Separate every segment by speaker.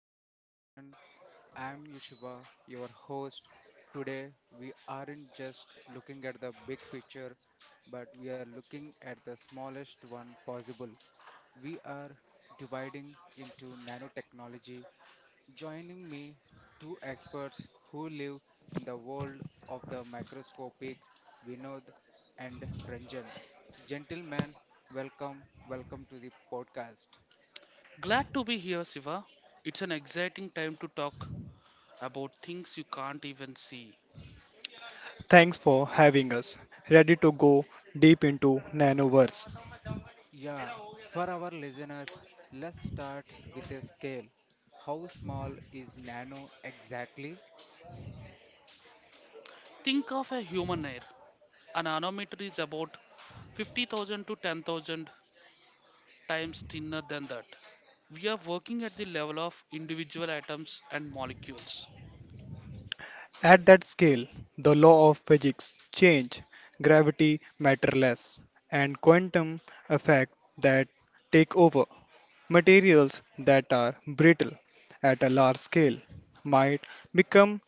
Speaker 1: to the session. I am Yushiba, your host. Today we aren't just looking at the big picture, but we are looking at the smallest one possible. We are dividing into nanotechnology. Joining me, two experts who live in the world of the microscopic, Vinod and Ranjan. Gentlemen, welcome, welcome to the podcast.
Speaker 2: Glad to be here, Siva. It's an exciting time to talk about things you can't even see.
Speaker 3: Thanks for having us. Ready to go deep into nanoverse.
Speaker 1: Yeah, for our listeners, let's start with a scale. How small is nano exactly?
Speaker 2: Think of a human hair. An nanometer is about 50,000 to 10,000 times thinner than that. We are working at the level of individual atoms and molecules.
Speaker 3: At that scale, the law of physics change, gravity matterless, and quantum effect that take over. Materials that are brittle at a large scale might become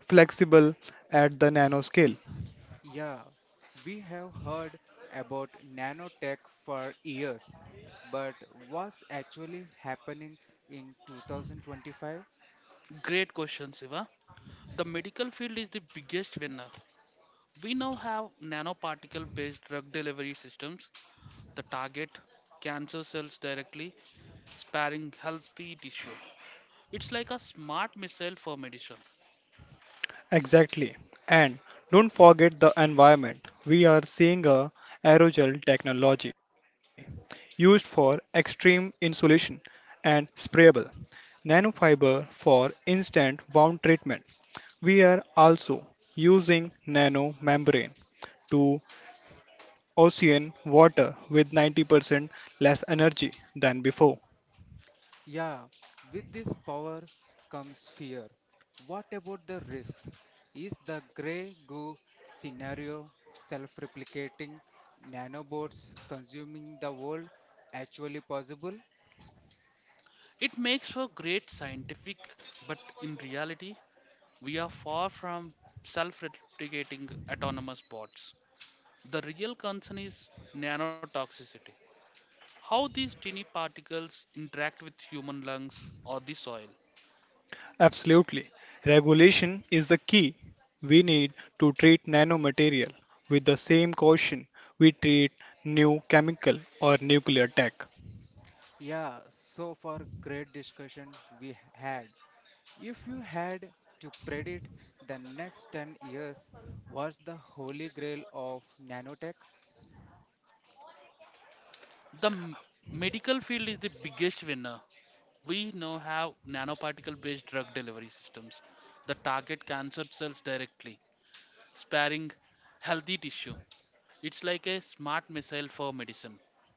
Speaker 3: inflexible at the nanoscale.
Speaker 1: Yeah, we have heard about nanotech for years, but what's actually happening in 2025?
Speaker 2: Great question, Siva. The medical field is the biggest winner. We now have nanoparticle based drug delivery systems that target cancer cells directly, sparing healthy tissue. It's like a smart missile for medicine.
Speaker 3: Exactly. And don't forget the environment. We are seeing a aerogel technology used for extreme insulation and sprayable nanofiber for instant wound treatment. We are also using nanomembrane to ocean water with 90% less energy than before.
Speaker 1: Yeah, with this power comes fear. What about the risks? Is the grey goo scenario, self replicating nanobots consuming the world, actually possible?
Speaker 2: It makes for great scientific, but in reality, we are far from self replicating autonomous bots. The real concern is nanotoxicity how these tiny particles interact with human lungs or the soil.
Speaker 3: Absolutely. Regulation is the key. We need to treat nanomaterial with the same caution we treat new chemical or nuclear tech.
Speaker 1: Yeah, so far, great discussion we had. If you had to predict the next 10 years, what's the holy grail of nanotech?
Speaker 2: The medical field is the biggest winner. We now have nanoparticle based drug delivery systems that target cancer cells directly, sparing healthy tissue. It's like a smart missile for medicine.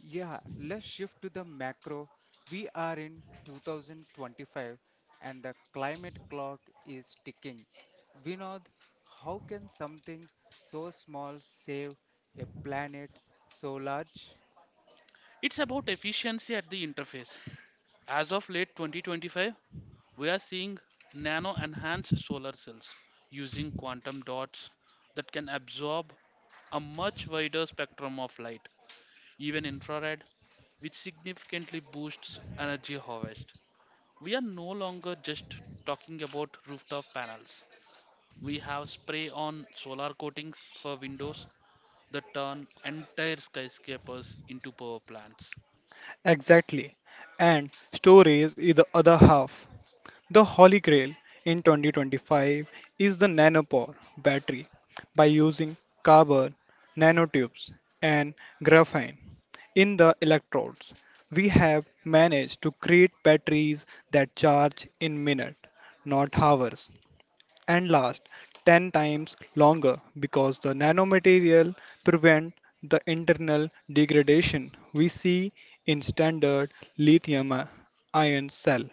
Speaker 1: Yeah, let's shift to the macro. We are in 2025 and the climate clock is ticking. Vinod, how can something so small save a planet so large?
Speaker 2: It's about efficiency at the interface. As of late 2025, we are seeing nano enhanced solar cells using quantum dots that can absorb a much wider spectrum of light, even infrared, which significantly boosts energy harvest. We are no longer just talking about rooftop panels. We have spray on solar coatings for windows that turn entire skyscrapers into power plants.
Speaker 3: Exactly. And storage is the other half. The holy grail in 2025 is the nanopore battery by using carbon nanotubes and graphene in the electrodes. We have managed to create batteries that charge in minutes, not hours, and last 10 times longer because the nanomaterial prevent the internal degradation we see in standard lithium ion cell.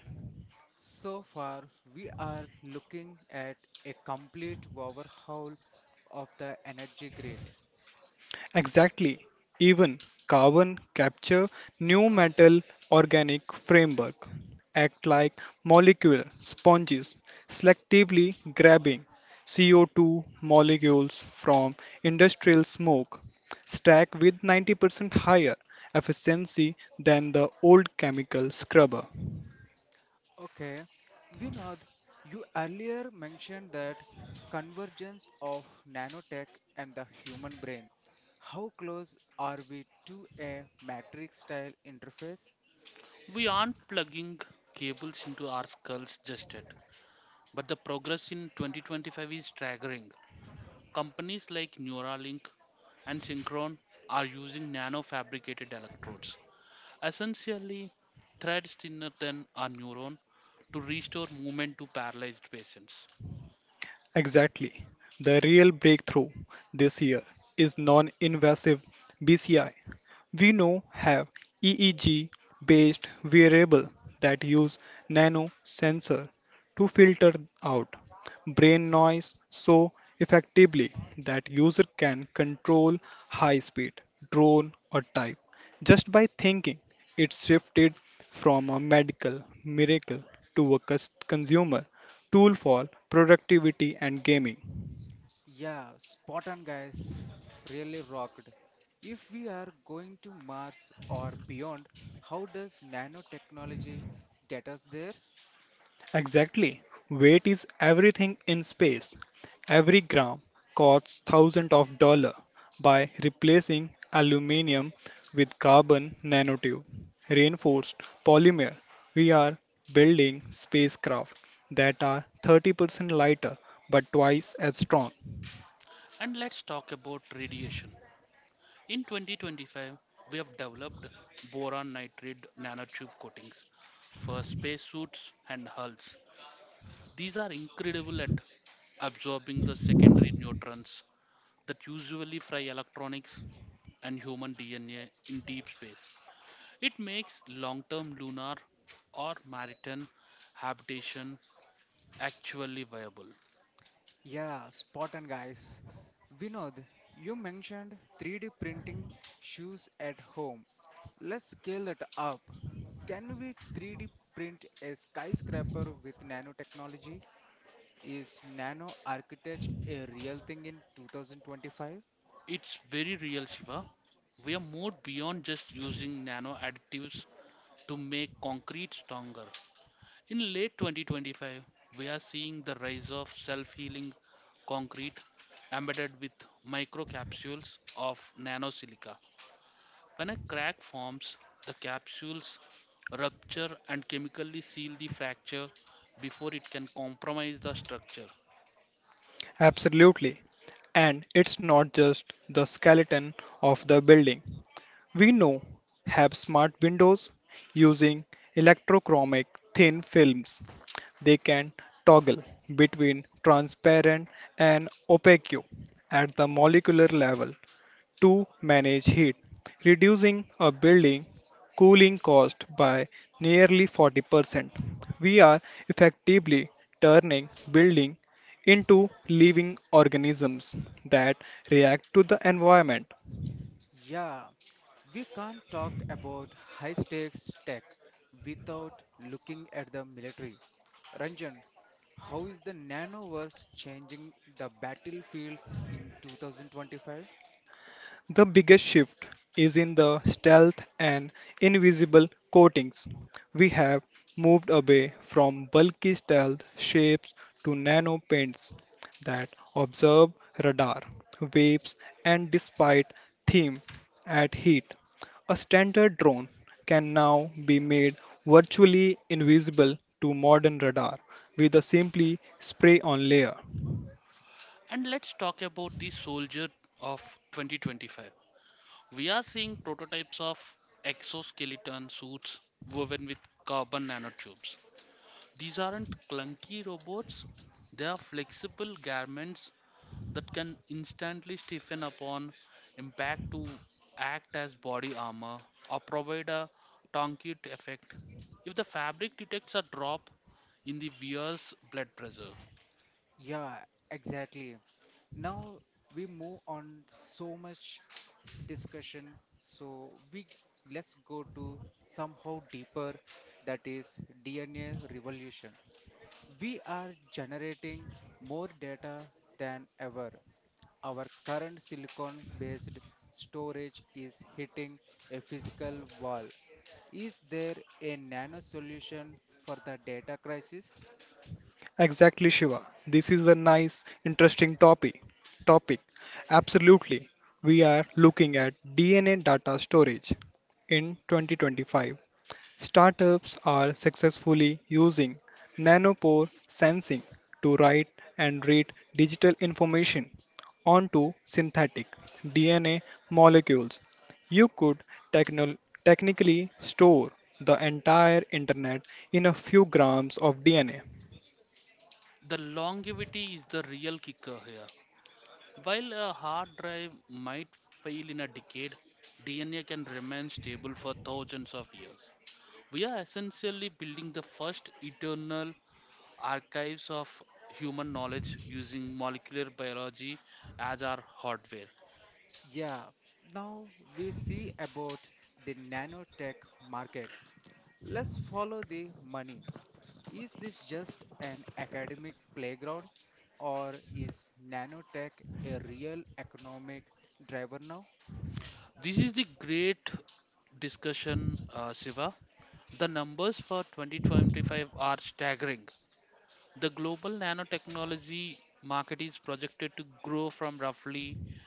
Speaker 1: So far, we are looking at a complete overhaul of the energy grid.
Speaker 3: Exactly. Even carbon capture, new metal organic framework act like molecular sponges, selectively grabbing CO2 molecules from industrial smoke, stack with 90% higher efficiency than the old chemical scrubber.
Speaker 1: Okay, Vinod, you earlier mentioned that convergence of nanotech and the human brain. How close are we to a matrix style interface?
Speaker 2: We aren't plugging cables into our skulls just yet, but the progress in 2025 is staggering. Companies like Neuralink and Synchron are using nano fabricated electrodes, essentially threads thinner than a neuron, to restore movement to paralyzed patients.
Speaker 3: Exactly. The real breakthrough this year is non invasive BCI. We now have EEG based wearable that use nano sensor to filter out brain noise so effectively that user can control high speed drone or type just by thinking. It shifted from a medical miracle to a consumer tool for productivity and gaming.
Speaker 1: Yeah, spot on, guys. Really rocked. If we are going to Mars or beyond, how does nanotechnology get us there?
Speaker 3: Exactly. Weight is everything in space. Every gram costs thousands of dollars. By replacing aluminium with carbon nanotube, reinforced polymer, we are building spacecraft that are 30% lighter but twice as strong.
Speaker 2: And let's talk about radiation. In 2025, we have developed boron nitride nanotube coatings for spacesuits and hulls. These are incredible at absorbing the secondary neutrons that usually fry electronics and human DNA in deep space. It makes long term lunar or maritime habitation actually viable.
Speaker 1: Yeah, spot on, guys. Vinod, you mentioned 3D printing shoes at home. Let's scale that up. Can we 3D print a skyscraper with nanotechnology? Is nano architecture a real thing in 2025?
Speaker 2: It's very real, Shiva. We are more beyond just using nano additives to make concrete stronger. In late 2025, we are seeing the rise of self healing concrete embedded with microcapsules of nanosilica. When a crack forms, the capsules rupture and chemically seal the fracture before it can compromise the structure.
Speaker 3: Absolutely. And it's not just the skeleton of the building, we know have smart windows using electrochromic thin films. They can toggle between transparent and opaque at the molecular level to manage heat, reducing a building cooling cost by nearly 40%. We are effectively turning building into living organisms that react to the environment.
Speaker 1: Yeah, we can't talk about high stakes tech without looking at the military. Ranjan, how is the nanoverse changing the battlefield in 2025?
Speaker 3: The biggest shift is in the stealth and invisible coatings. We have moved away from bulky stealth shapes to nano paints that observe radar, waves, and despite theme at heat. A standard drone can now be made virtually invisible to modern radar with a simply spray on layer.
Speaker 2: And let's talk about the soldier of 2025. We are seeing prototypes of exoskeleton suits woven with carbon nanotubes. These aren't clunky robots, they are flexible garments that can instantly stiffen upon impact to act as body armor or provide a tourniquet effect. If the fabric detects a drop in the wearer's blood pressure,
Speaker 1: Yeah, exactly. Now we move on so much discussion, so we let's go to somehow deeper that is DNA revolution. We are generating more data than ever. Our current silicon based storage is hitting a physical wall. Is there a nano solution for the data crisis?
Speaker 3: Exactly, Shiva. This is a nice, interesting topic. Topic. Absolutely. We are looking at DNA data storage in 2025. Startups are successfully using nanopore sensing to write and read digital information onto synthetic DNA molecules. You could techno- technically store the entire internet in a few grams of DNA.
Speaker 2: the longevity is the real kicker here. While a hard drive might fail in a decade, DNA can remain stable for thousands of years. We are essentially building the first eternal archives of human knowledge using molecular biology as our hardware.
Speaker 1: Yeah, now we see about the nanotech market. Let's follow the money. Is this just an academic playground or is nanotech a real economic driver now?
Speaker 2: This is the great discussion, Siva. The numbers for 2025 are staggering. The global nanotechnology market is projected to grow from roughly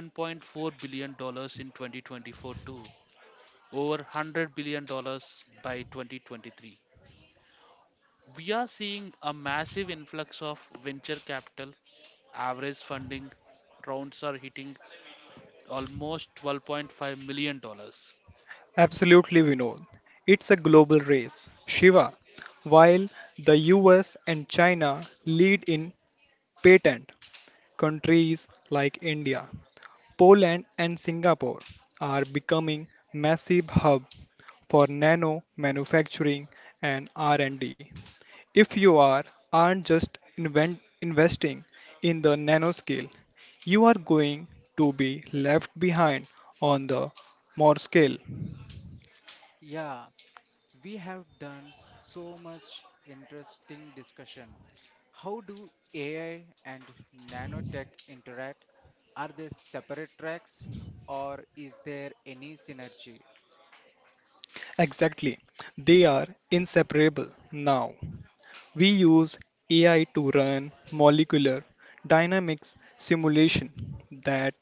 Speaker 2: $11.4 billion in 2024 to over $100 billion by 2023. We are seeing a massive influx of venture capital. Average funding rounds are hitting almost $12.5 million.
Speaker 3: Absolutely, Vinod. It's a global race. Shiva, while the US and China lead in patent, countries like India, Poland, and Singapore are becoming massive hub for nano manufacturing and R&D. If you are aren't just invent, investing in the nanoscale, you are going to be left behind on the more scale.
Speaker 1: Yeah, we have done so much interesting discussion. How do AI and nanotech interact? Are they separate tracks or is there any synergy?
Speaker 3: Exactly. They are inseparable now. We use AI to run molecular dynamics simulation that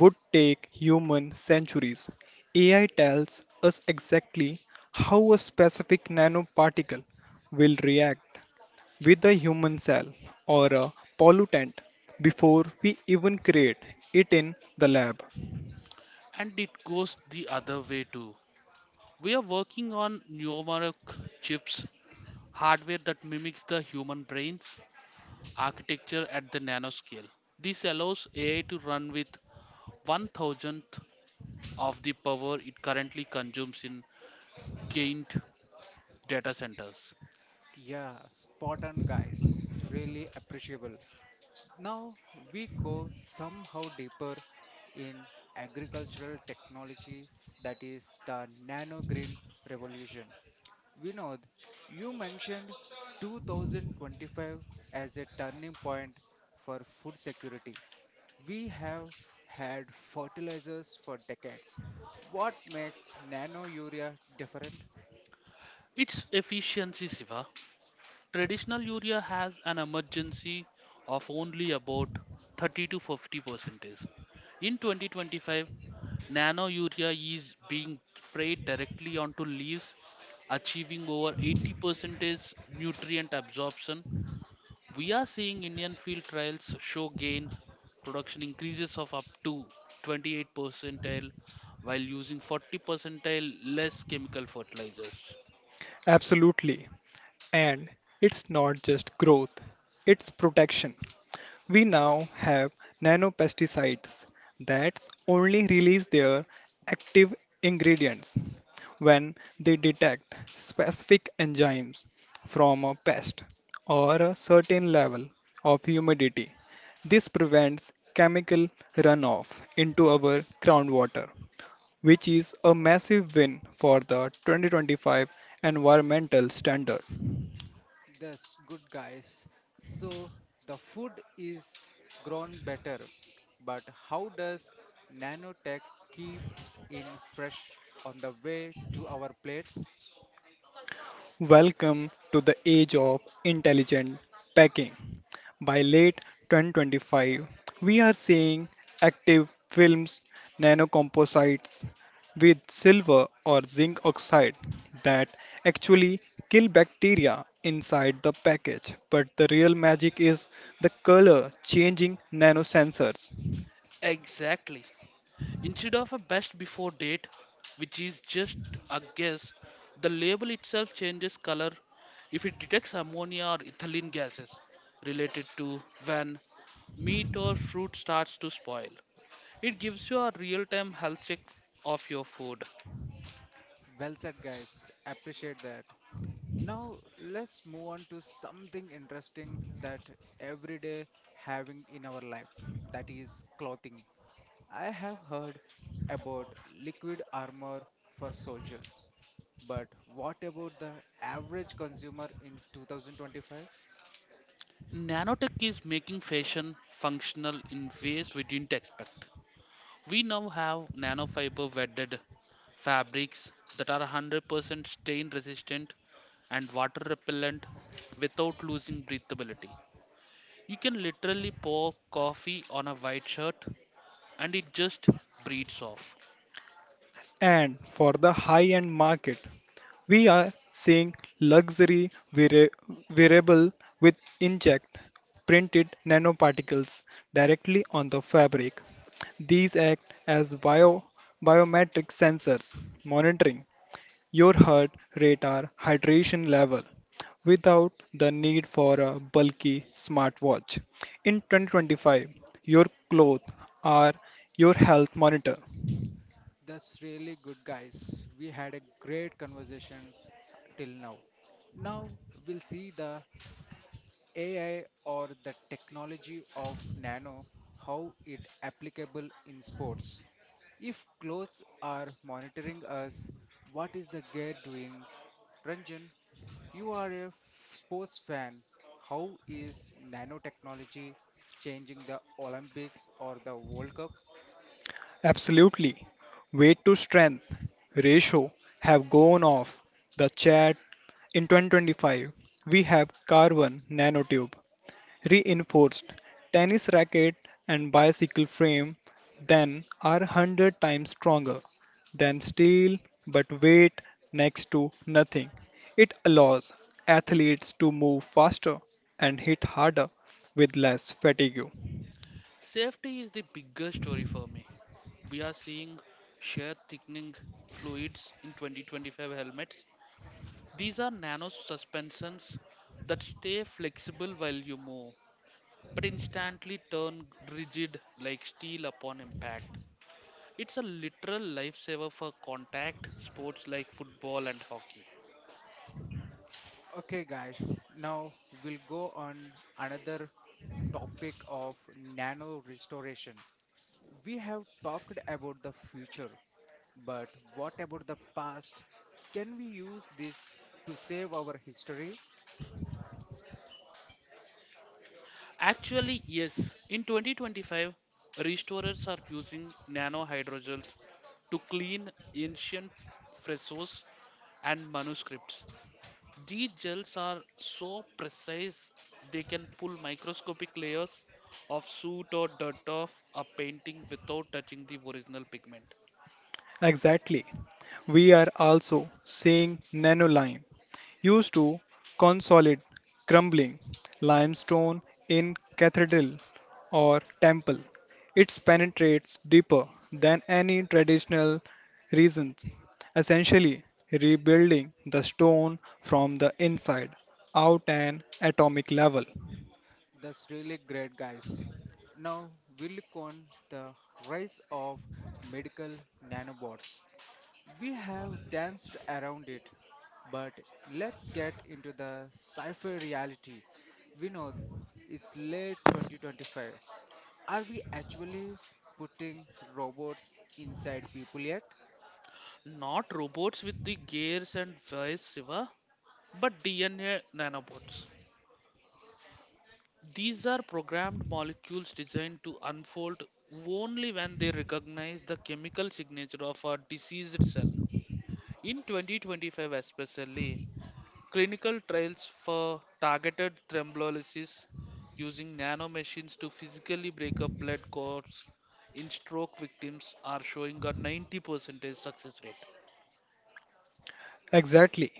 Speaker 3: would take human centuries. AI tells us exactly how a specific nanoparticle will react with a human cell or a pollutant before we even create it in the lab.
Speaker 2: And it goes the other way too. We are working on numeric chips, hardware that mimics the human brain's architecture at the nanoscale. This allows AI to run with one thousandth of the power it currently consumes in gained data centers.
Speaker 1: Yeah, spot on, guys. Really appreciable. Now we go somehow deeper in agricultural technology, that is the nano green revolution. Vinod, you mentioned 2025 as a turning point for food security. We have had fertilizers for decades. What makes nano urea different?
Speaker 2: It's efficiency, Siva. Traditional urea has an emergency of only about 30 to 50 percentage. In 2025, nano urea is being sprayed directly onto leaves, achieving over 80 percentage nutrient absorption. We are seeing Indian field trials show gain production increases of up to 28 percentile while using 40 percentile less chemical fertilizers.
Speaker 3: Absolutely. And it's not just growth, it's protection. We now have nanopesticides that only release their active ingredients when they detect specific enzymes from a pest or a certain level of humidity. This prevents chemical runoff into our groundwater, which is a massive win for the 2025 environmental standard.
Speaker 1: That's good guys. So the food is grown better, but how does nanotech keep in fresh on the way to our plates?
Speaker 3: Welcome to the age of intelligent packing. By late 2025, we are seeing active films, nanocomposites with silver or zinc oxide that actually kill bacteria inside the package. But the real magic is the color changing nanosensors.
Speaker 2: Exactly. Instead of a best before date, which is just a guess, the label itself changes color if it detects ammonia or ethylene gases related to when meat or fruit starts to spoil. It gives you a real time health check of your food.
Speaker 1: Well said, guys. Appreciate that. Now, let's move on to something interesting that everyday having in our life that is clothing. I have heard about liquid armor for soldiers, but what about the average consumer in 2025?
Speaker 2: Nanotech is making fashion functional in ways we didn't expect. We now have nanofiber wedded fabrics that are 100% stain resistant and water repellent without losing breathability. You can literally pour coffee on a white shirt and it just breathes off.
Speaker 3: And for the high end market, we are seeing luxury wearable with inject printed nanoparticles directly on the fabric. These act as biometric sensors, monitoring your heart rate or hydration level without the need for a bulky smartwatch. In 2025, your clothes are your health monitor.
Speaker 1: That's really good, guys. We had a great conversation till now. Now we'll see the AI or the technology of nano, how it applicable in sports. If clothes are monitoring us, what is the gear doing? Ranjan, you are a sports fan. How is nanotechnology changing the Olympics or the World Cup?
Speaker 3: Absolutely. Weight to strength ratio have gone off the chart in 2025. We have carbon nanotube, reinforced tennis racket and bicycle frame then are 100 times stronger than steel but weight next to nothing. It allows athletes to move faster and hit harder with less fatigue.
Speaker 2: Safety is the bigger story for me. We are seeing shear thickening fluids in 2025 helmets. These are nano suspensions that stay flexible while you move, but instantly turn rigid like steel upon impact. It's a literal lifesaver for contact sports like football and hockey.
Speaker 1: Okay, guys, now we'll go on another topic of nano restoration. We have talked about the future, but what about the past? Can we use this to save our history?
Speaker 2: Actually, yes, in 2025, restorers are using nano hydrogels to clean ancient frescoes and manuscripts. These gels are so precise they can pull microscopic layers of soot or dirt off a painting without touching the original pigment.
Speaker 3: Exactly. We are also seeing nanolime used to consolidate crumbling limestone in cathedral or temple. It penetrates deeper than any traditional reasons, essentially rebuilding the stone from the inside out an atomic level.
Speaker 1: That's really great, guys. Now we'll look on the rise of medical nanobots. We have danced around it, but let's get into the sci-fi reality. Vinod, it's late 2025. Are we actually putting robots inside people yet?
Speaker 2: Not robots with the gears and voice, Siva, but DNA nanobots. These are programmed molecules designed to unfold only when they recognize the chemical signature of a diseased cell. In 2025, especially, clinical trials for targeted thrombolysis using nanomachines to physically break up blood clots in stroke victims are showing a 90% success rate.
Speaker 3: Exactly.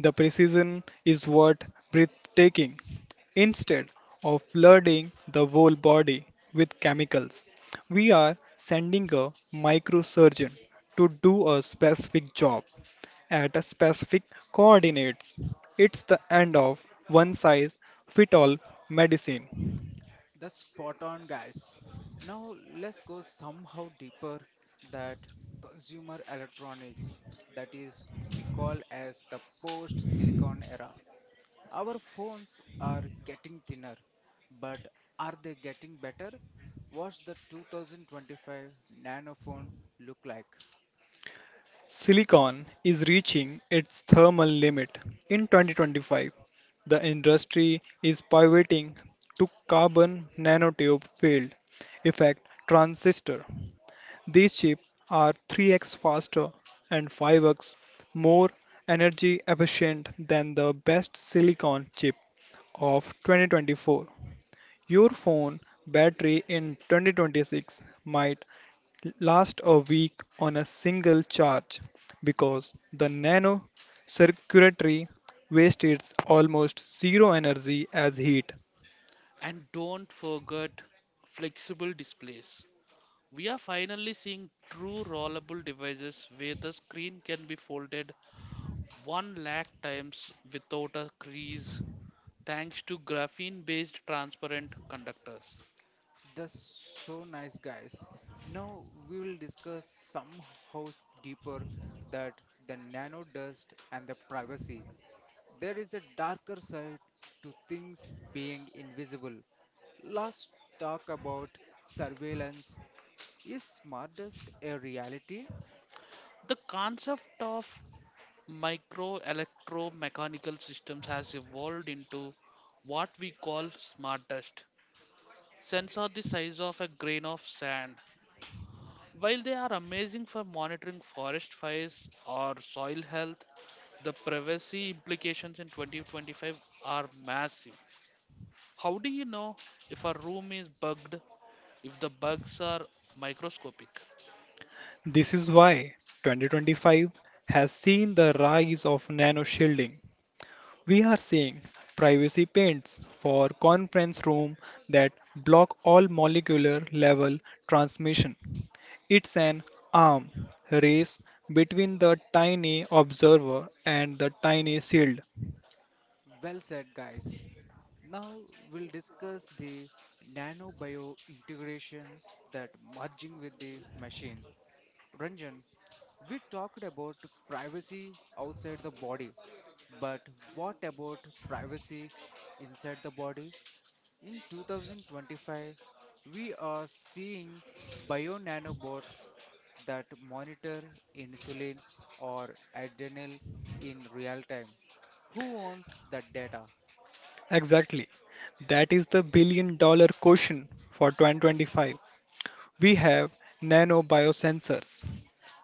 Speaker 3: The precision is what breathtaking. Instead of flooding the whole body with chemicals, we are sending a microsurgeon to do a specific job at a specific coordinates. It's the end of one size fit all medicine.
Speaker 1: That's spot on, guys. Now let's go somehow deeper that consumer electronics that is we call as the post-silicon era. Our phones are getting thinner, but are they getting better? What's the 2025 nanophone look like?
Speaker 3: Silicon is reaching its thermal limit in 2025. The industry is pivoting to carbon nanotube field effect transistor. These chips are 3x faster and 5x more energy efficient than the best silicon chip of 2024. Your phone battery in 2026 might last a week on a single charge because the nano circulatory waste is almost zero energy as heat.
Speaker 2: And don't forget flexible displays. We are finally seeing true rollable devices where the screen can be folded 1 lakh times without a crease thanks to graphene based transparent conductors.
Speaker 1: That's so nice, guys. Now we will discuss somehow deeper that the nano dust and the privacy. There is a darker side to things being invisible. Let's talk about surveillance. Is smartest a reality?
Speaker 2: The concept of micro electromechanical systems has evolved into what we call smart dust. Sensor the size of a grain of sand. While they are amazing for monitoring forest fires or soil health, the privacy implications in 2025 are massive. How do you know if a room is bugged if the bugs are microscopic?
Speaker 3: This is why 2025 has seen the rise of nano shielding. We are seeing privacy paints for conference room that block all molecular level transmission. It's an arm race between the tiny observer and the tiny shield.
Speaker 1: Well said, guys. Now we'll discuss the nanobio integration that merging with the machine. Ranjan, we talked about privacy outside the body, but what about privacy inside the body? In 2025, we are seeing bio-nanobots that monitor insulin or adrenal in real time. Who owns the data?
Speaker 3: Exactly. That is the billion dollar question for 2025. We have nano biosensors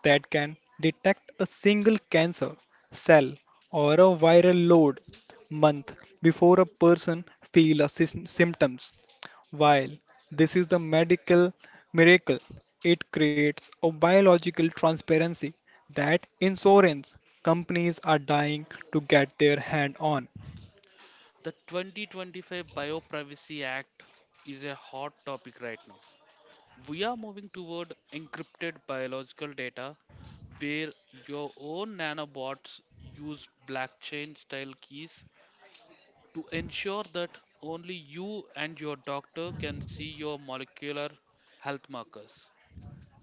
Speaker 3: that can detect a single cancer cell or a viral load month before a person feels a symptoms. While this is the medical miracle, it creates a biological transparency that insurance companies are dying to get their hand on.
Speaker 2: The 2025 Bioprivacy Act is a hot topic right now. We are moving toward encrypted biological data where your own nanobots use blockchain style keys to ensure that only you and your doctor can see your molecular health markers.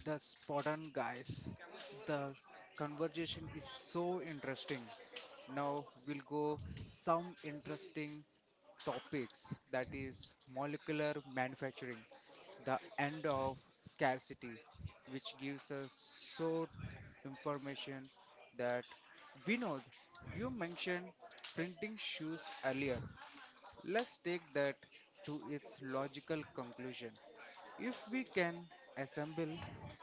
Speaker 1: The Spartan guys. The conversation is so interesting. Now we'll go some interesting topics that is molecular manufacturing, the end of scarcity, which gives us so information that Vinod, you mentioned printing shoes earlier. Let's take that to its logical conclusion. If we can assemble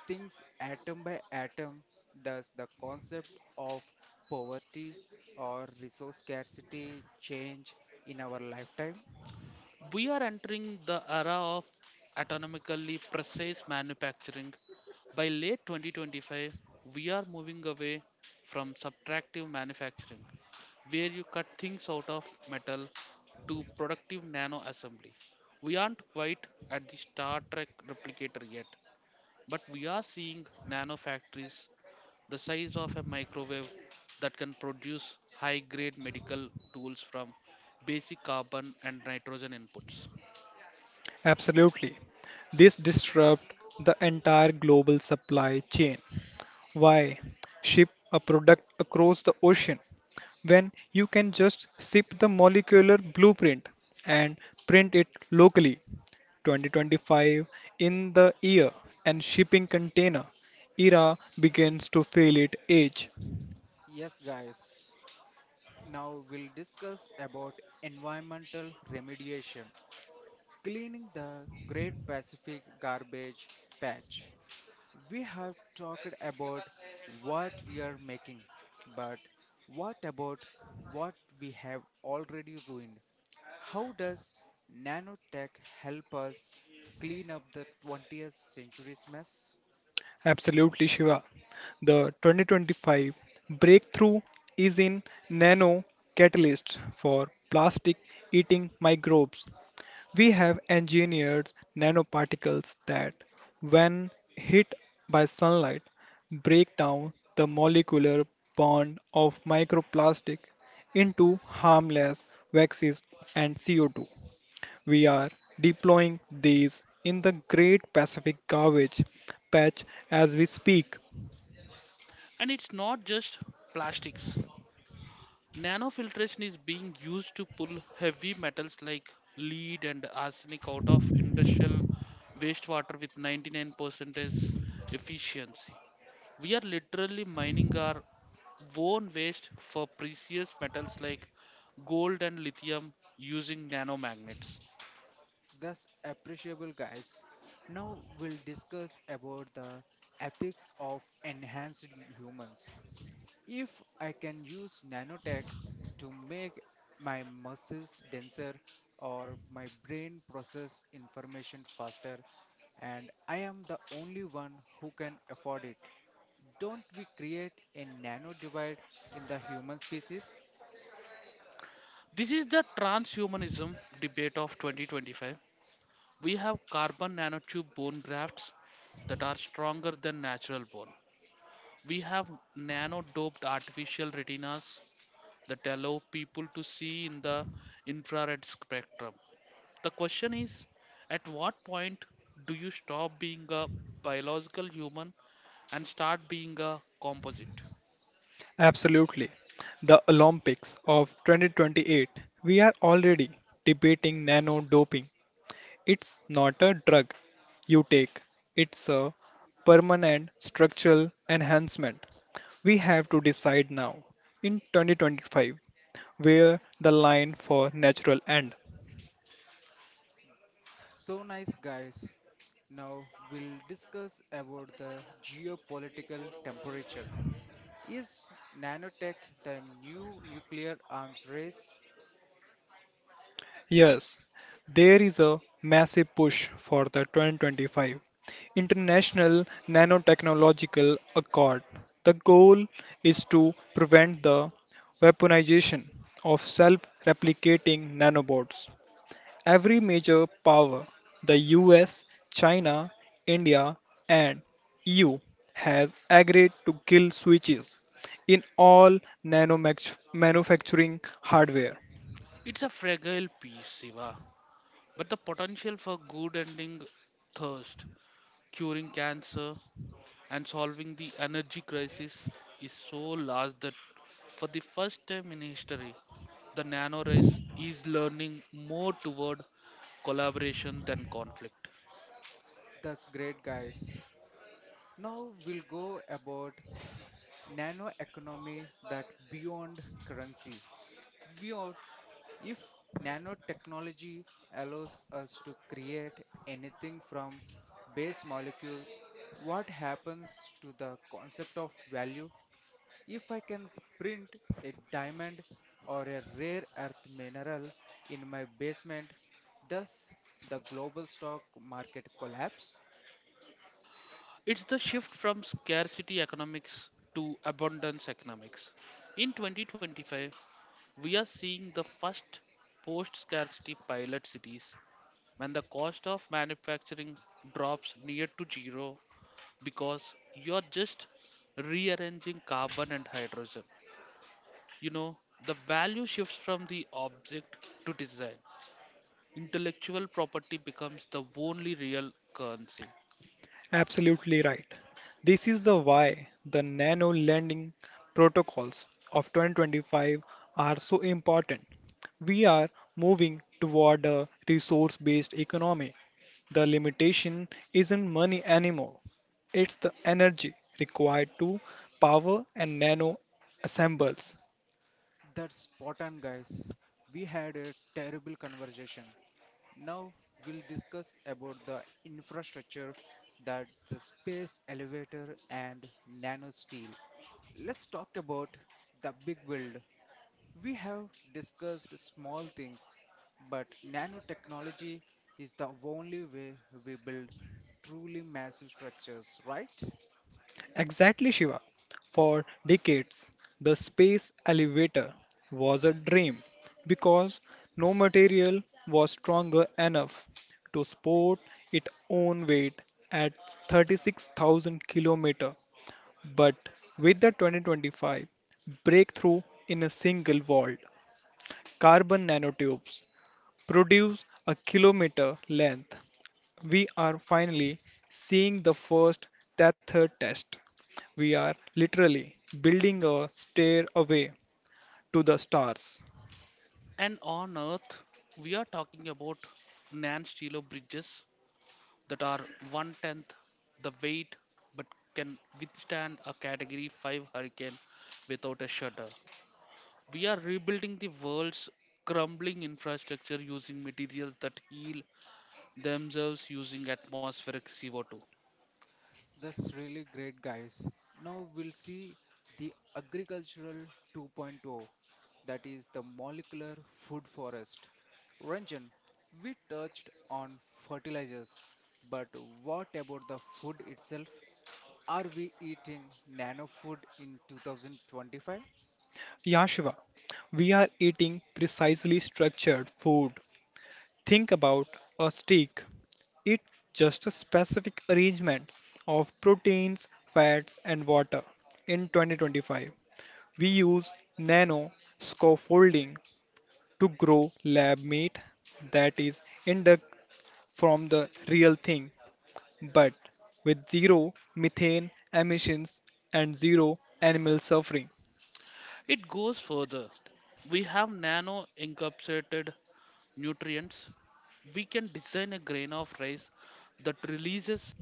Speaker 1: things atom by atom, does the concept of poverty or resource scarcity change in our lifetime?
Speaker 2: We are entering the era of autonomically precise manufacturing. By late 2025, we are moving away from subtractive manufacturing, where you cut things out of metal, to productive nano assembly. We aren't quite at the Star Trek replicator yet, but we are seeing nano factories the size of a microwave that can produce high grade medical tools from basic carbon and nitrogen inputs.
Speaker 3: Absolutely. This disrupt the entire global supply chain. Why ship a product across the ocean when you can just ship the molecular blueprint and print it locally? 2025 in the year and shipping container era begins to feel its age.
Speaker 1: Yes, guys. Now we'll discuss about environmental remediation, cleaning the Great Pacific Garbage Patch. We have talked about what we are making, but what about what we have already ruined? How does nanotech help us clean up the 20th century's mess?
Speaker 3: Absolutely, Shiva. The 2025 breakthrough is in nano catalysts for plastic eating microbes. We have engineered nanoparticles that, when hit by sunlight, break down the molecular bond of microplastic into harmless waxes and CO2. We are deploying these in the Great Pacific Garbage Patch as we speak.
Speaker 2: And it's not just plastics. Nanofiltration is being used to pull heavy metals like lead and arsenic out of industrial wastewater with 99% efficiency. We are literally mining our own waste for precious metals like gold and lithium using nanomagnets.
Speaker 1: That's appreciable, guys. Now we'll discuss about the ethics of enhanced humans. If I can use nanotech to make my muscles denser or my brain process information faster, and I am the only one who can afford it, don't we create a nano divide in the human species?
Speaker 2: This is the transhumanism debate of 2025. We have carbon nanotube bone grafts that are stronger than natural bone. We have nano doped artificial retinas that allow people to see in the infrared spectrum. The question is, at what point do you stop being a biological human and start being a composite?
Speaker 3: Absolutely. The Olympics of 2028. We are already debating nano doping. It's not a drug you take, it's a permanent structural enhancement. We have to decide now, in 2025, where the line for natural end.
Speaker 1: So nice, guys. Now we'll discuss about the geopolitical temperature. Is nanotech the new nuclear arms race?
Speaker 3: Yes, there is a massive push for the 2025 International Nanotechnological Accord. The goal is to prevent the weaponization of self replicating nanobots. Every major power, the US, China, India, and EU, has agreed to kill switches in all nano manufacturing hardware.
Speaker 2: It's a fragile piece, Siva, but the potential for good ending thirst, curing cancer, and solving the energy crisis is so large that for the first time in history, the nano race is learning more toward collaboration than conflict.
Speaker 1: Thus great guys. Now we'll go about nano economy that beyond currency. Beyond if nanotechnology allows us to create anything from base molecules, what happens to the concept of value? If I can print a diamond or a rare earth mineral in my basement, does the global stock market collapse?
Speaker 2: It's the shift from scarcity economics to abundance economics. In 2025, we are seeing the first post scarcity pilot cities when the cost of manufacturing drops near to zero because you're just rearranging carbon and hydrogen. You know, the value shifts from the object to design. Intellectual property becomes the only real currency.
Speaker 3: Absolutely right. This is the why the nano lending protocols of 2025 are so important. We are moving toward a resource based economy. The limitation isn't money anymore, it's the energy required to power and nano assembles.
Speaker 1: That's spot on, guys. We had a terrible conversation. Now we'll discuss about the infrastructure that the space elevator and nano steel. Let's talk about the big build. We have discussed small things, but nanotechnology is the only way we build truly massive structures, right?
Speaker 3: Exactly, Shiva. For decades, the space elevator was a dream because no material was stronger enough to support its own weight at 36,000 km. But with the 2025 breakthrough in a single vault, carbon nanotubes produce a kilometer length, we are finally seeing the first tether test. We are literally building a stairway to the stars.
Speaker 2: And on Earth, we are talking about non stilo bridges that are one tenth the weight but can withstand a Category 5 hurricane without a shudder. We are rebuilding the world's crumbling infrastructure using materials that heal themselves using atmospheric CO2.
Speaker 1: That's really great, guys. Now we'll see the agricultural 2.0, that is the molecular food forest. Ranjan, we touched on fertilizers, but what about the food itself? Are we eating nano food in 2025?
Speaker 3: Yashiva, we are eating precisely structured food. Think about a steak. It's just a specific arrangement of proteins, fats, and water. In 2025, we use nano scaffolding to grow lab meat that is induct from the real thing, but with zero methane emissions and zero animal suffering.
Speaker 2: It goes further. We have nano encapsulated nutrients. We can design a grain of rice that releases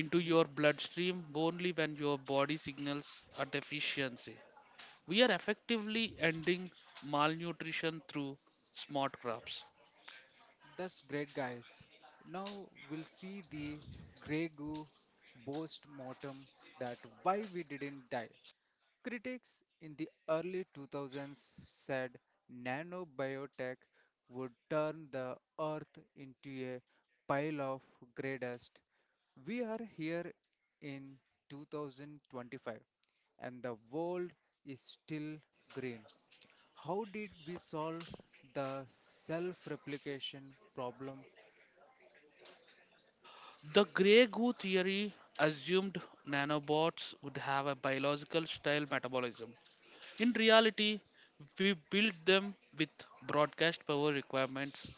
Speaker 2: into your bloodstream only when your body signals a deficiency. We are effectively ending malnutrition through smart crops.
Speaker 1: That's great, guys. Now we'll see the Grey Goo boast mortem that why we didn't die. Critics in the early 2000s said nanobiotech would turn the earth into a pile of grey dust. We are here in 2025 and the world is still green. How did we solve the self replication problem?
Speaker 2: The Grey Goo theory assumed nanobots would have a biological style metabolism. In reality, we built them with broadcast power requirements.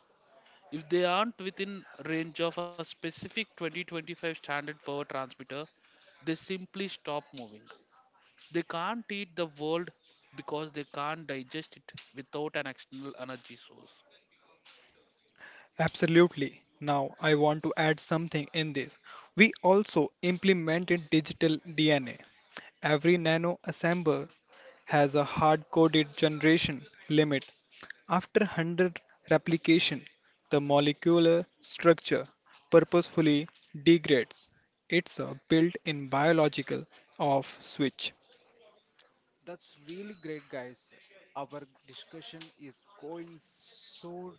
Speaker 2: If they aren't within range of a specific 2025 standard power transmitter, they simply stop moving. They can't eat the world because they can't digest it without an external energy source.
Speaker 3: Absolutely. Now, I want to add something in this. We also implemented digital DNA. Every nano assembler has a hard coded generation limit. After 100 replication, the molecular structure purposefully degrades. It's a built-in biological off switch.
Speaker 1: That's really great, guys. Our discussion is going so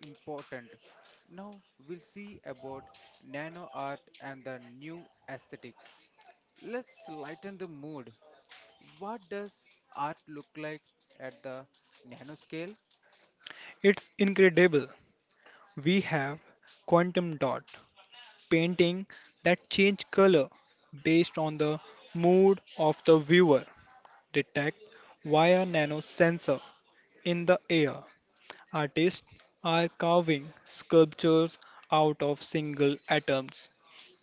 Speaker 1: important. Now we'll see about nano art and the new aesthetic. Let's lighten the mood. What does art look like at the nanoscale?
Speaker 3: It's incredible. We have quantum dot painting that change color based on the mood of the viewer. Detect via nanosensor in the air. Artists are carving sculptures out of single atoms.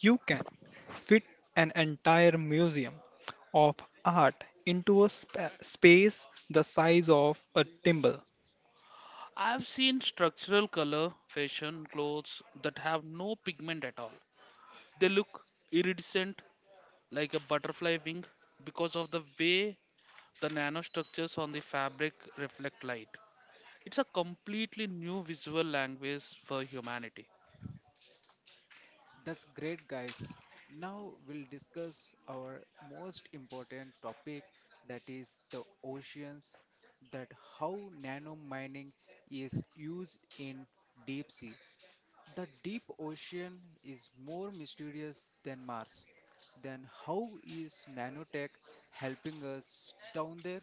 Speaker 3: You can fit an entire museum of art into a space the size of a thimble.
Speaker 2: I've seen structural color, fashion, clothes that have no pigment at all. They look iridescent like a butterfly wing because of the way the nanostructures on the fabric reflect light. It's a completely new visual language for humanity.
Speaker 1: That's great, guys. Now we'll discuss our most important topic that is the oceans, that how nano mining is used in deep sea. The deep ocean is more mysterious than Mars. Then how is nanotech helping us down there?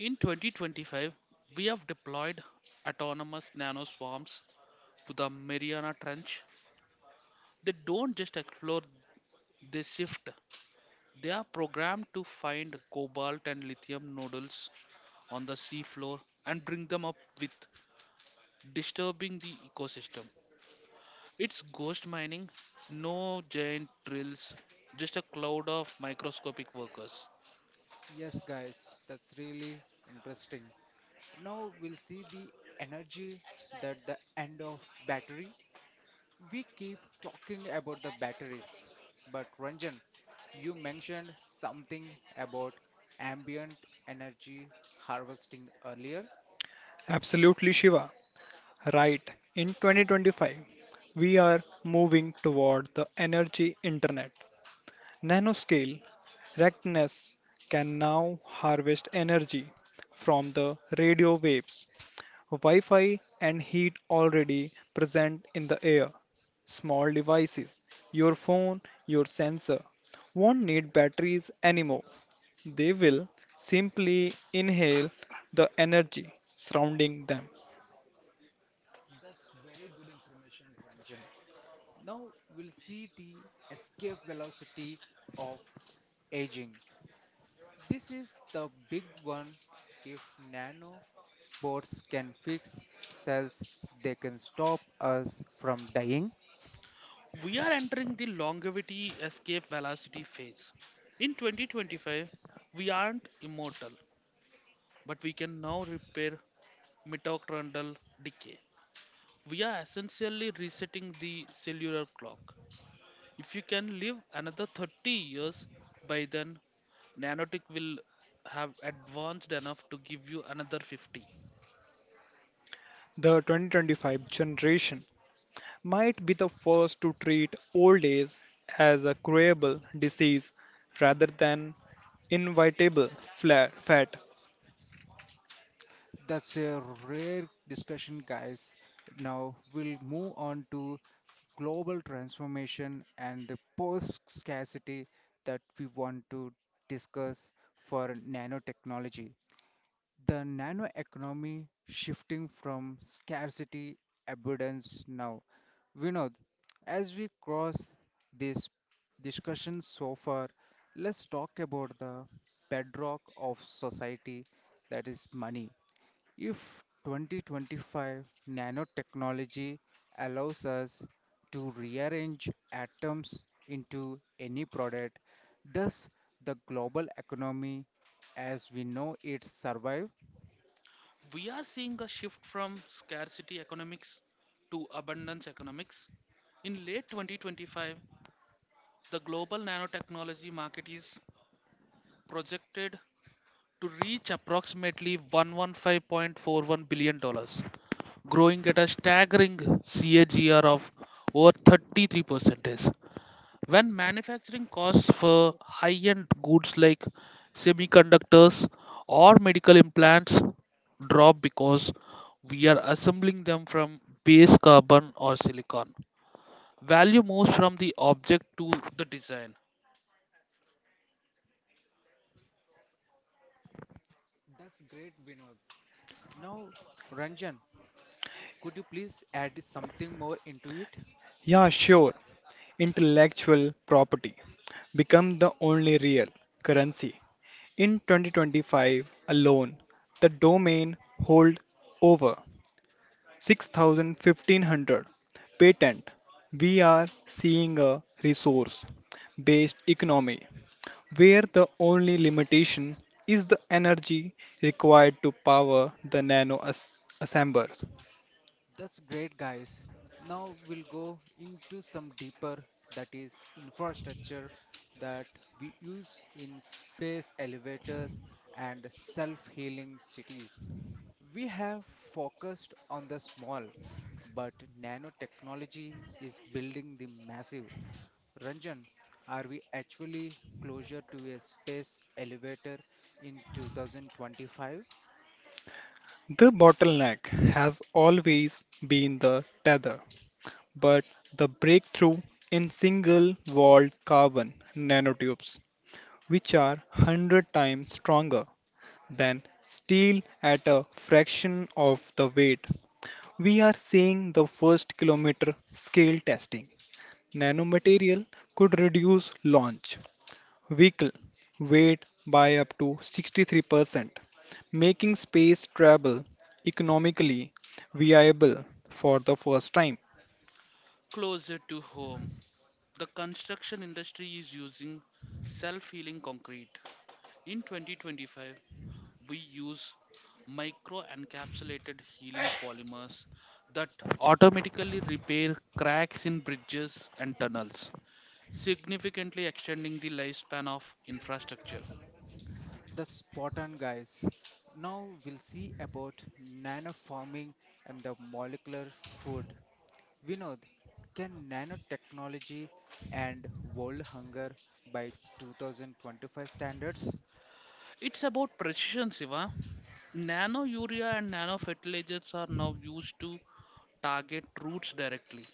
Speaker 2: In 2025, we have deployed autonomous nanoswarms to the Mariana Trench. They don't just explore, they shift. They are programmed to find cobalt and lithium nodules on the seafloor and bring them up with disturbing the ecosystem. It's ghost mining, no giant drills, just a cloud of microscopic workers.
Speaker 1: Yes, guys, that's really interesting. Now we'll see the energy that the end of battery. We keep talking about the batteries, but Ranjan, you mentioned something about ambient energy harvesting earlier.
Speaker 3: Absolutely, Shiva. Right. In 2025, we are moving toward the energy internet. Nanoscale Rectness can now harvest energy from the radio waves. Wi Fi and heat already present in the air. Small devices, your phone, your sensor, won't need batteries anymore. They will simply inhale the energy surrounding them.
Speaker 1: That's very good information, Ranjan. Now we'll see the escape velocity of aging. This is the big one. If nanobots can fix cells, they can stop us from dying.
Speaker 2: We are entering the longevity escape velocity phase. In 2025, we aren't immortal, but we can now repair mitochondrial decay. We are essentially resetting the cellular clock. If you can live another 30 years, by then, nanotech will have advanced enough to give you another 50.
Speaker 3: The 2025 generation might be the first to treat old age as a curable disease rather than inevitable fat.
Speaker 1: That's a rare discussion, guys. Now we'll move on to global transformation and the post scarcity that we want to discuss for nanotechnology. The nano economy shifting from scarcity abundance now. Vinod, as we cross this discussion so far, let's talk about the bedrock of society that is money if 2025 nanotechnology allows us to rearrange atoms into any product, does the global economy as we know it survive?
Speaker 2: We are seeing a shift from scarcity economics to abundance economics. In late 2025, the global nanotechnology market is projected to reach approximately $115.41 billion, growing at a staggering CAGR of over 33%. When manufacturing costs for high-end goods like semiconductors or medical implants drop because we are assembling them from base carbon or silicon, value moves from the object to the design,
Speaker 1: That's great, Vinod. Now, Ranjan, could you please add something more into it?
Speaker 3: Yeah, sure. Intellectual property become the only real currency. In 2025 alone, the domain hold over 6,500 patent. We are seeing a resource-based economy where the only limitation is the energy required to power the nano assemblers.
Speaker 1: That's great, guys. Now we'll go into some deeper, that is, infrastructure that we use in space elevators and self healing cities. We have focused on the small, but nanotechnology is building the massive. Ranjan, are we actually closer to a space elevator in 2025?
Speaker 3: The bottleneck has always been the tether, but the breakthrough in single-walled carbon nanotubes, which are 100 times stronger than steel at a fraction of the weight. We are seeing the first kilometer scale testing. Nanomaterial could reduce launch vehicle weight by up to 63%, making space travel economically viable for the first time.
Speaker 2: closer to home. The construction industry is using self healing concrete. In 2025, we use micro encapsulated healing polymers that automatically repair cracks in bridges and tunnels, significantly extending the lifespan of infrastructure.
Speaker 1: The Spartan guys. Now we'll see about nanoforming and the molecular food. Vinod, can nanotechnology end world hunger by 2025 standards?
Speaker 2: It's about precision, Siva. Nano urea and nano fertilizers are now used to target roots directly,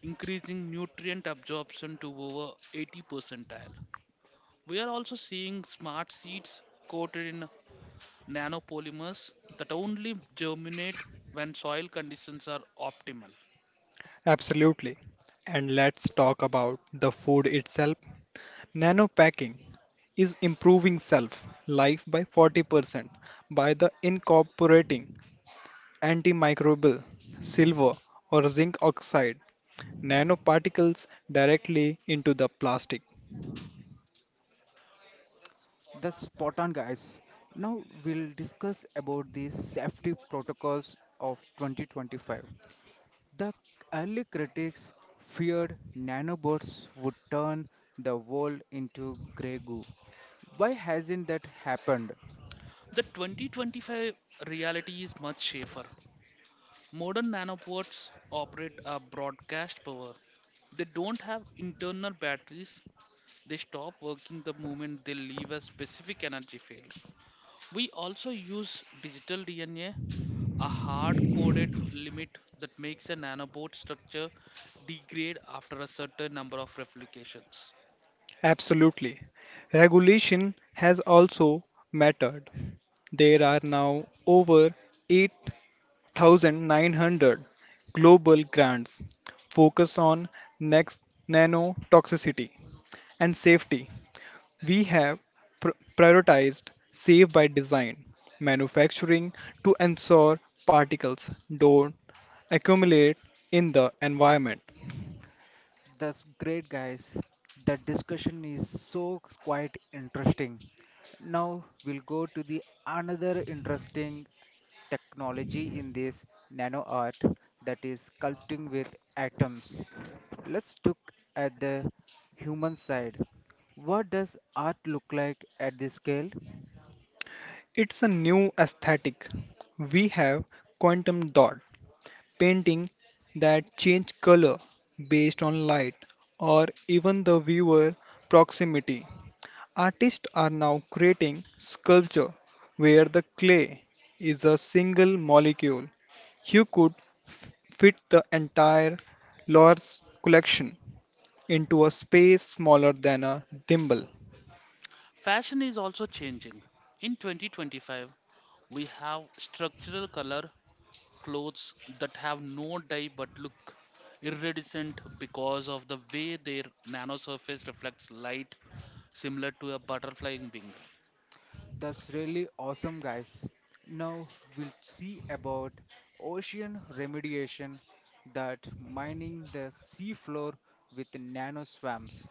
Speaker 2: increasing nutrient absorption to over 80 percentile. We are also seeing smart seeds coated in nanopolymers that only germinate when soil conditions are optimal.
Speaker 3: Absolutely. And let's talk about the food itself. Nanopacking is improving self life by 40% by the incorporating antimicrobial silver or zinc oxide nanoparticles directly into the plastic.
Speaker 1: The spot on guys. Now we'll discuss about the safety protocols of 2025. The early critics feared nanobots would turn the world into grey goo. Why hasn't that happened?
Speaker 2: The 2025 reality is much safer. Modern nanopods operate a broadcast power. They don't have internal batteries. They stop working the moment they leave a specific energy field. We also use digital DNA, a hard coded limit that makes a nanobot structure degrade after a certain number of replications.
Speaker 3: Absolutely. Regulation has also mattered. There are now over 8,900 global grants focused on next nanotoxicity and safety. We have prioritized safe by design manufacturing to ensure particles don't accumulate in the environment.
Speaker 1: That's great, guys. The discussion is so quite interesting. Now we'll go to the another interesting technology in this nano art that is sculpting with atoms. Let's look at the human side. What does art look like at this scale?
Speaker 3: It's a new aesthetic. We have quantum dot painting that change color based on light or even the viewer proximity. Artists are now creating sculpture where the clay is a single molecule. You could f- fit the entire Lord's collection into a space smaller than a thimble.
Speaker 2: Fashion is also changing. In 2025, we have structural color clothes that have no dye but look iridescent because of the way their nanosurface reflects light similar to a butterfly wing.
Speaker 1: That's really awesome, guys. Now we'll see about ocean remediation that mining the seafloor with nano swamps.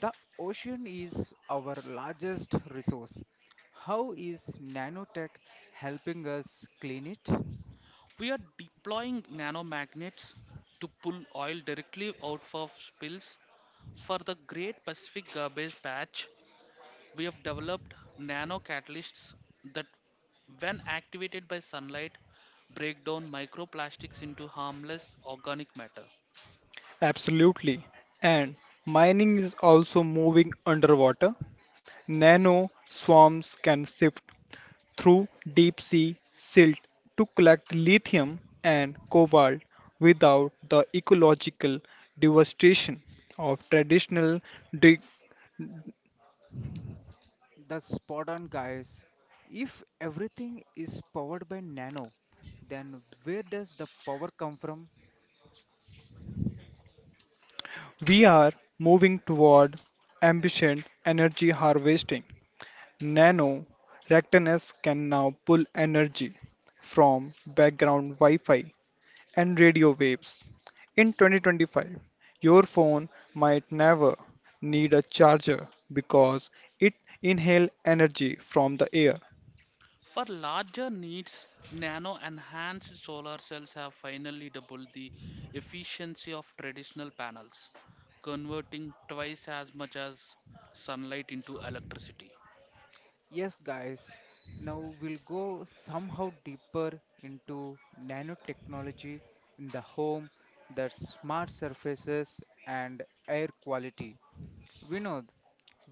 Speaker 1: The ocean is our largest resource. How is nanotech helping us clean it?
Speaker 2: We are deploying nanomagnets to pull oil directly out of spills. For the Great Pacific Garbage Patch, we have developed nano catalysts that, when activated by sunlight, break down microplastics into harmless organic matter.
Speaker 3: Absolutely. And mining is also moving underwater. Nano swarms can sift through deep sea silt to collect lithium and cobalt without the ecological devastation of traditional dig-
Speaker 1: That's spot on, guys. If everything is powered by nano, then where does the power come from?
Speaker 3: We are moving toward ambient energy harvesting. Nano reactors can now pull energy from background Wi Fi and radio waves. In 2025, your phone might never need a charger because it inhales energy from the air.
Speaker 2: For larger needs, nano enhanced solar cells have finally doubled the efficiency of traditional panels, converting twice as much as sunlight into electricity.
Speaker 1: Yes, guys, now we'll go somehow deeper into nanotechnology in the home, the smart surfaces, and air quality. Vinod,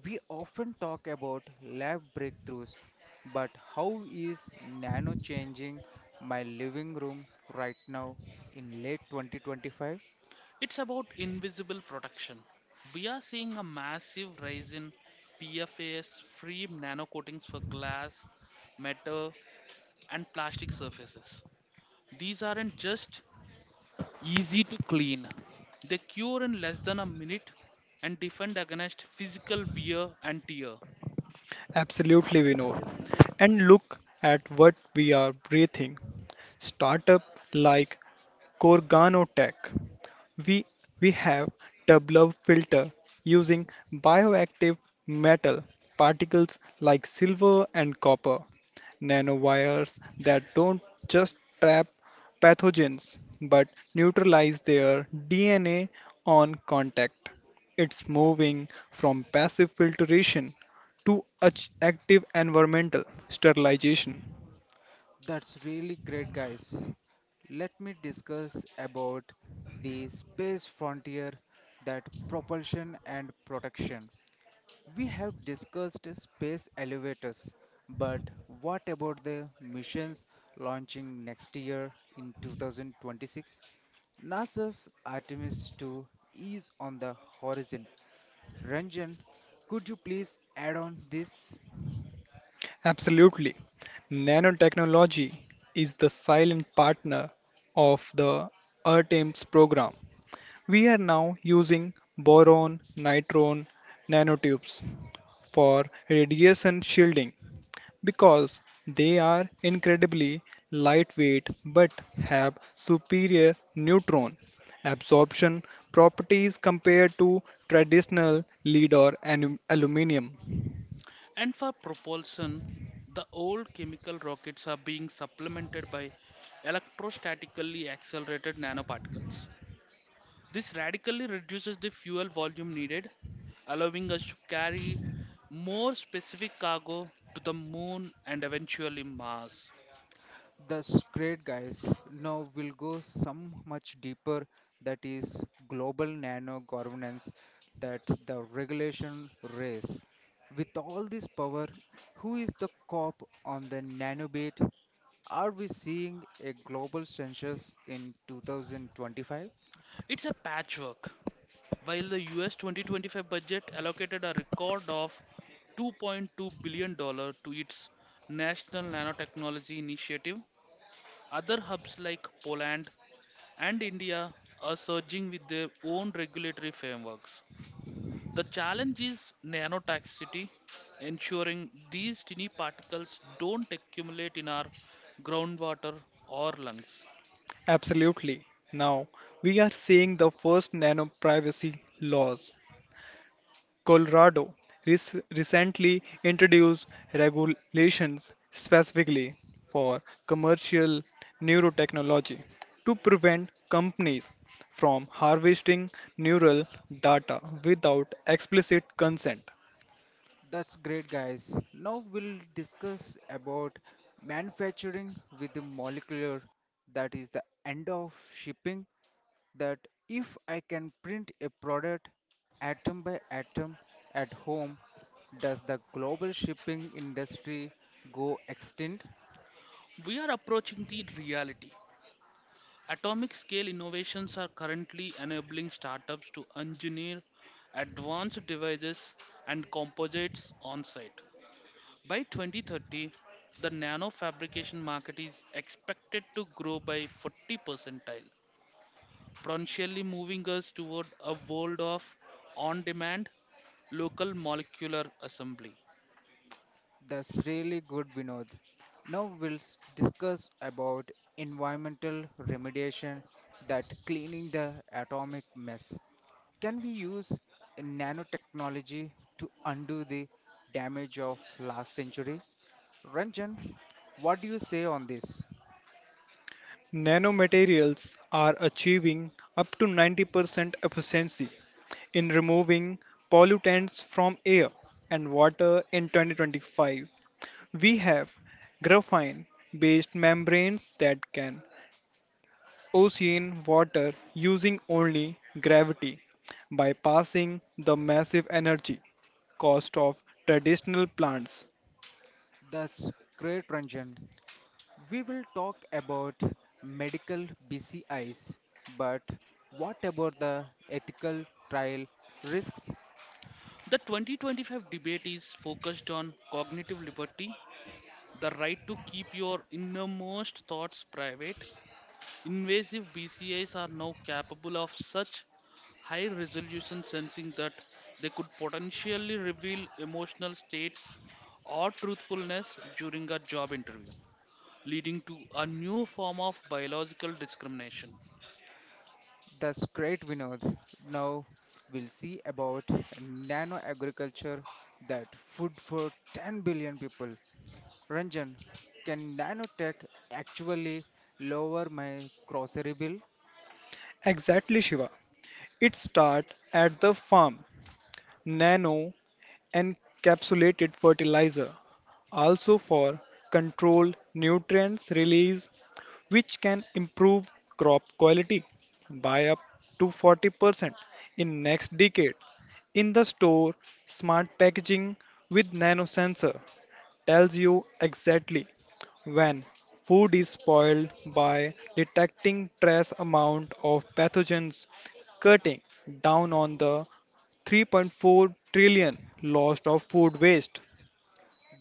Speaker 1: we often talk about lab breakthroughs, but how is nano changing my living room right now in late 2025?
Speaker 2: It's about invisible protection. We are seeing a massive rise in PFAS free nanocoatings for glass, metal, and plastic surfaces. These aren't just easy to clean, they cure in less than a minute and defend against physical wear and tear.
Speaker 3: Absolutely, we know. And look at what we are breathing startup like Corganotech. We we have developed filter using bioactive metal particles like silver and copper, nanowires that don't just trap pathogens but neutralize their DNA on contact. It's moving from passive filtration to active environmental sterilization.
Speaker 1: That's really great, guys. Let me discuss about the space frontier that propulsion and protection. We have discussed space elevators, but what about the missions launching next year in 2026? NASA's Artemis 2 is on the horizon. Ranjan, could you please add on this?
Speaker 3: Absolutely. Nanotechnology is the silent partner of the ERTEMS program. We are now using boron nitron nanotubes for radiation shielding because they are incredibly lightweight but have superior neutron absorption properties compared to traditional lead or aluminum.
Speaker 2: And for propulsion, the old chemical rockets are being supplemented by electrostatically accelerated nanoparticles. This radically reduces the fuel volume needed, allowing us to carry more specific cargo to the moon and eventually Mars.
Speaker 1: That's great, guys. Now we'll go some much deeper, that is global nano governance, that the regulation race. With all this power, who is the cop on the nanobit? Are we seeing a global census in 2025?
Speaker 2: It's a patchwork. While the US 2025 budget allocated a record of $2.2 billion dollars to its National Nanotechnology Initiative, other hubs like Poland and India are surging with their own regulatory frameworks. The challenge is nanotoxicity, ensuring these tiny particles don't accumulate in our groundwater or lungs.
Speaker 3: Absolutely. Now, we are seeing the first nano privacy laws. Colorado recently introduced regulations specifically for commercial neurotechnology to prevent companies from harvesting neural data without explicit consent.
Speaker 1: That's great, guys. Now we'll discuss about manufacturing with the molecular, that is the end of shipping, that if I can print a product atom by atom at home, does the global shipping industry go extinct?
Speaker 2: We are approaching the reality. Atomic scale innovations are currently enabling startups to engineer advanced devices and composites on site. By 2030, the nano fabrication market is expected to grow by 40 percentile potentially moving us toward a world of on demand local molecular assembly.
Speaker 1: That's really good, Vinod. Now we'll discuss about environmental remediation, that cleaning the atomic mess. Can we use nanotechnology to undo the damage of last century? Ranjan, what do you say on this?
Speaker 3: Nanomaterials are achieving up to 90% efficiency in removing pollutants from air and water in 2025. We have graphene based membranes that can ocean water using only gravity bypassing the massive energy cost of traditional plants.
Speaker 1: That's great, Ranjan. We will talk about medical BCIs, but what about the ethical trial risks?
Speaker 2: The 2025 debate is focused on cognitive liberty, the right to keep your innermost thoughts private. Invasive BCIs are now capable of such high resolution sensing that they could potentially reveal emotional states or truthfulness during a job interview, leading to a new form of biological discrimination.
Speaker 1: That's great, Vinod. Now we'll see about nano agriculture, that food for 10 billion people. Ranjan, can nanotech actually lower my grocery bill?
Speaker 3: Exactly, Shiva. It starts at the farm. Nano encapsulated fertilizer, also for controlled nutrients release which can improve crop quality by up to 40% in next decade. In the store, smart packaging with nano sensor tells you exactly when food is spoiled by detecting trace amount of pathogens, cutting down on the 3.4 trillion lost of food waste.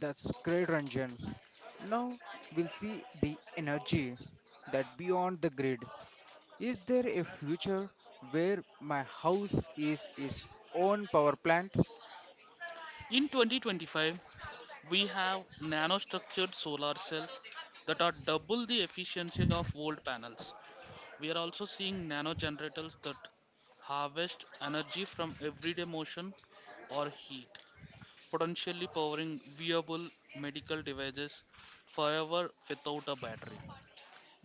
Speaker 1: That's great, Ranjan. Now we'll see the energy, that beyond the grid. Is there a future where my house is its own power plant?
Speaker 2: In 2025, we have nanostructured solar cells that are double the efficiency of old panels. We are also seeing nano generators that harvest energy from everyday motion or heat, potentially powering viable medical devices forever without a battery.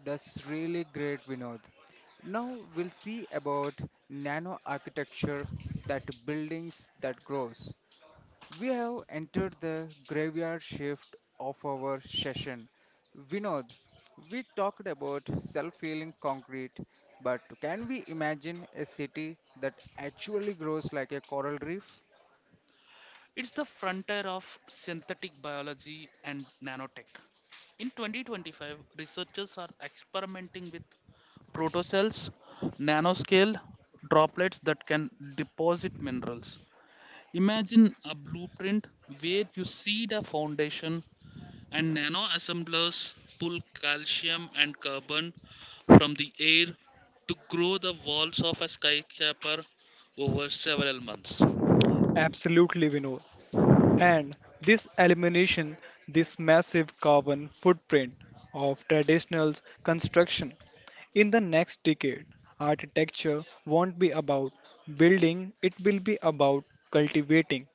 Speaker 1: That's really great, Vinod. Now we'll see about nano architecture, that buildings that grows. We have entered the graveyard shift of our session. Vinod, we talked about self-healing concrete, but can we imagine a city that actually grows like a coral reef?
Speaker 2: It's the frontier of synthetic biology and nanotech. In 2025, researchers are experimenting with protocells, nanoscale droplets that can deposit minerals. Imagine a blueprint where you seed a foundation and nano assemblers pull calcium and carbon from the air to grow the walls of a skyscraper over several months.
Speaker 3: Absolutely, Vinod. And this elimination, this massive carbon footprint of traditional construction. In the next decade, architecture won't be about building, it will be about cultivating.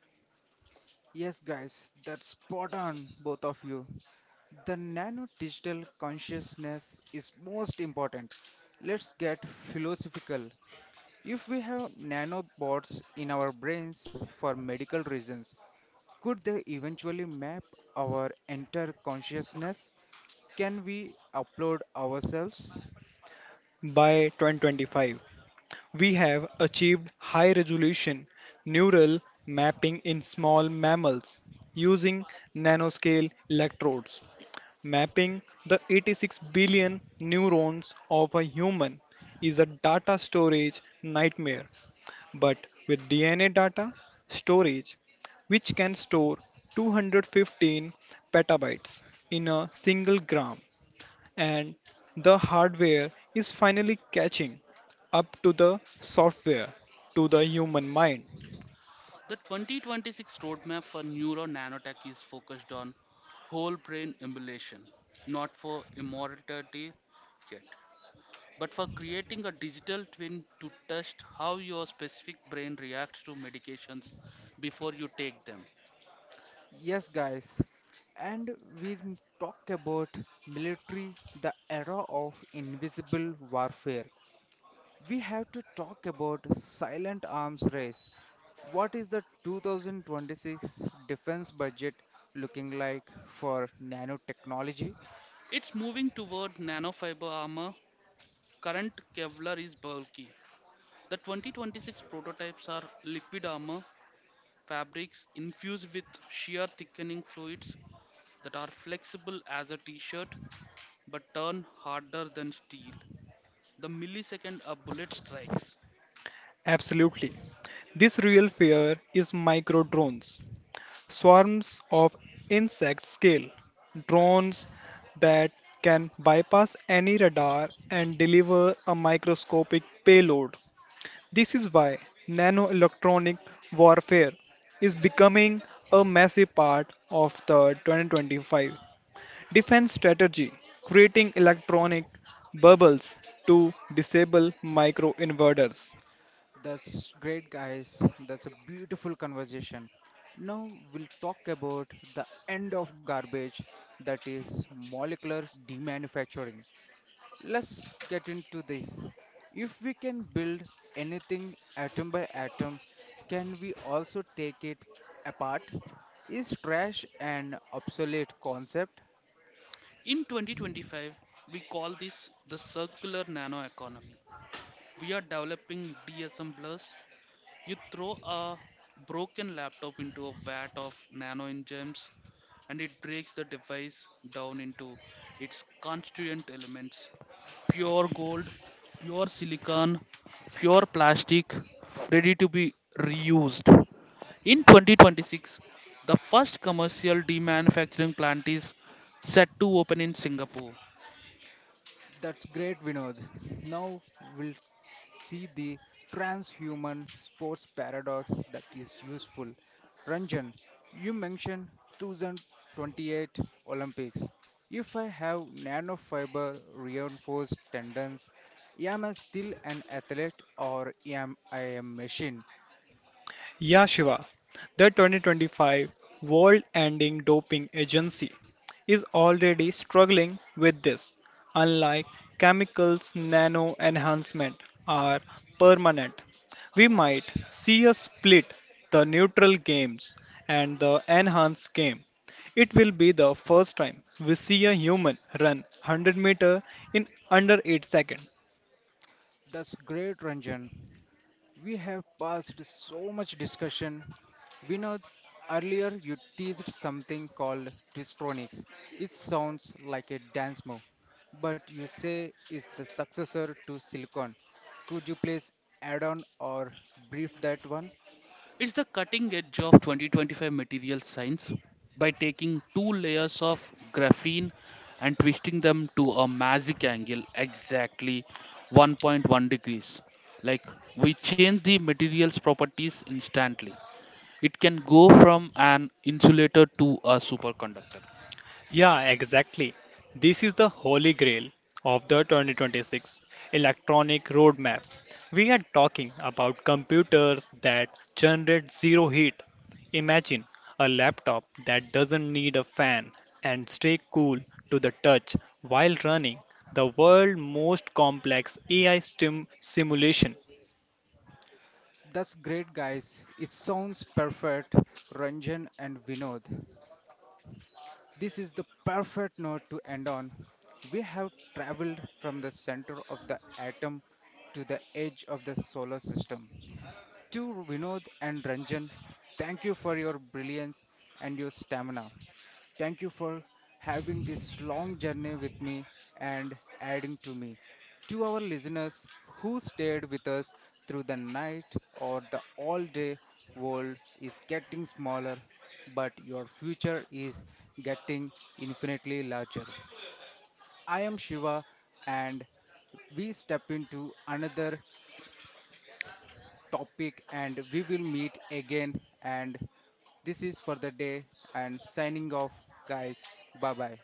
Speaker 1: Yes, guys, that's spot on, both of you. The nano digital consciousness is most important. Let's get philosophical. If we have nanobots in our brains for medical reasons, could they eventually map our entire consciousness? Can we upload ourselves?
Speaker 3: By 2025, we have achieved high resolution neural mapping in small mammals using nanoscale electrodes. Mapping the 86 billion neurons of a human is a data storage nightmare, but with DNA data storage, which can store 215 petabytes in a single gram, and the hardware is finally catching up to the software to the human mind.
Speaker 2: The 2026 roadmap for neuro nanotech is focused on whole brain emulation, not for immortality yet, but for creating a digital twin to test how your specific brain reacts to medications before you take them.
Speaker 1: Yes, guys, and we talk about military, the era of invisible warfare. We have to talk about silent arms race. What is the 2026 defense budget looking like for nanotechnology?
Speaker 2: It's moving toward nanofiber armor. Current Kevlar is bulky. The 2026 prototypes are liquid armor fabrics infused with shear thickening fluids that are flexible as a t shirt but turn harder than steel the millisecond a bullet strikes.
Speaker 3: Absolutely. This real fear is micro drones. Swarms of insect scale drones that can bypass any radar and deliver a microscopic payload. This is why nanoelectronic warfare is becoming a massive part of the 2025 defense strategy, creating electronic bubbles to disable micro inverters.
Speaker 1: That's great, guys. That's a beautiful conversation. Now we'll talk about the end of garbage, that is molecular demanufacturing. Let's get into this. If we can build anything atom by atom, can we also take it apart? Is trash an obsolete concept?
Speaker 2: In 2025, we call this the circular nano economy. We are developing DSM Plus. You throw a broken laptop into a vat of nano enzymes and it breaks the device down into its constituent elements pure gold, pure silicon, pure plastic, ready to be reused. In 2026, the first commercial demanufacturing plant is set to open in Singapore.
Speaker 1: That's great, Vinod. Now we'll see the transhuman sports paradox that is useful. Ranjan, you mentioned 2028 Olympics. If I have nanofiber reinforced tendons, am I still an athlete or am I a machine?
Speaker 3: Yeah, Shiva, the 2025 World Ending Doping Agency is already struggling with this. Unlike chemicals, nano enhancement are permanent. We might see a split the neutral games and the enhanced game. It will be the first time we see a human run 100 meter in under 8 seconds.
Speaker 1: That's great, Ranjan. We have passed so much discussion. Vinod, earlier you teased something called Twistronics. It sounds like a dance move, but you say it's the successor to Silicon. Could you please add on or brief that one?
Speaker 2: It's the cutting edge of 2025 material science by taking two layers of graphene and twisting them to a magic angle exactly 1.1 degrees. Like we change the material's properties instantly. It can go from an insulator to a superconductor.
Speaker 3: Yeah, exactly. This is the holy grail of the 2026 electronic roadmap. We are talking about computers that generate zero heat. Imagine a laptop that doesn't need a fan and stay cool to the touch while running the world's most complex AI stim simulation.
Speaker 1: That's great, guys. It sounds perfect, Ranjan and Vinod. This is the perfect note to end on. We have traveled from the center of the atom to the edge of the solar system. To Vinod and Ranjan, thank you for your brilliance and your stamina. Thank you for having this long journey with me and adding to me. To our listeners who stayed with us through the night or the all day, world is getting smaller, but your future is getting infinitely larger. I am Shiva, and we step into another topic and we will meet again, and this is for the day and signing off, guys. Bye bye.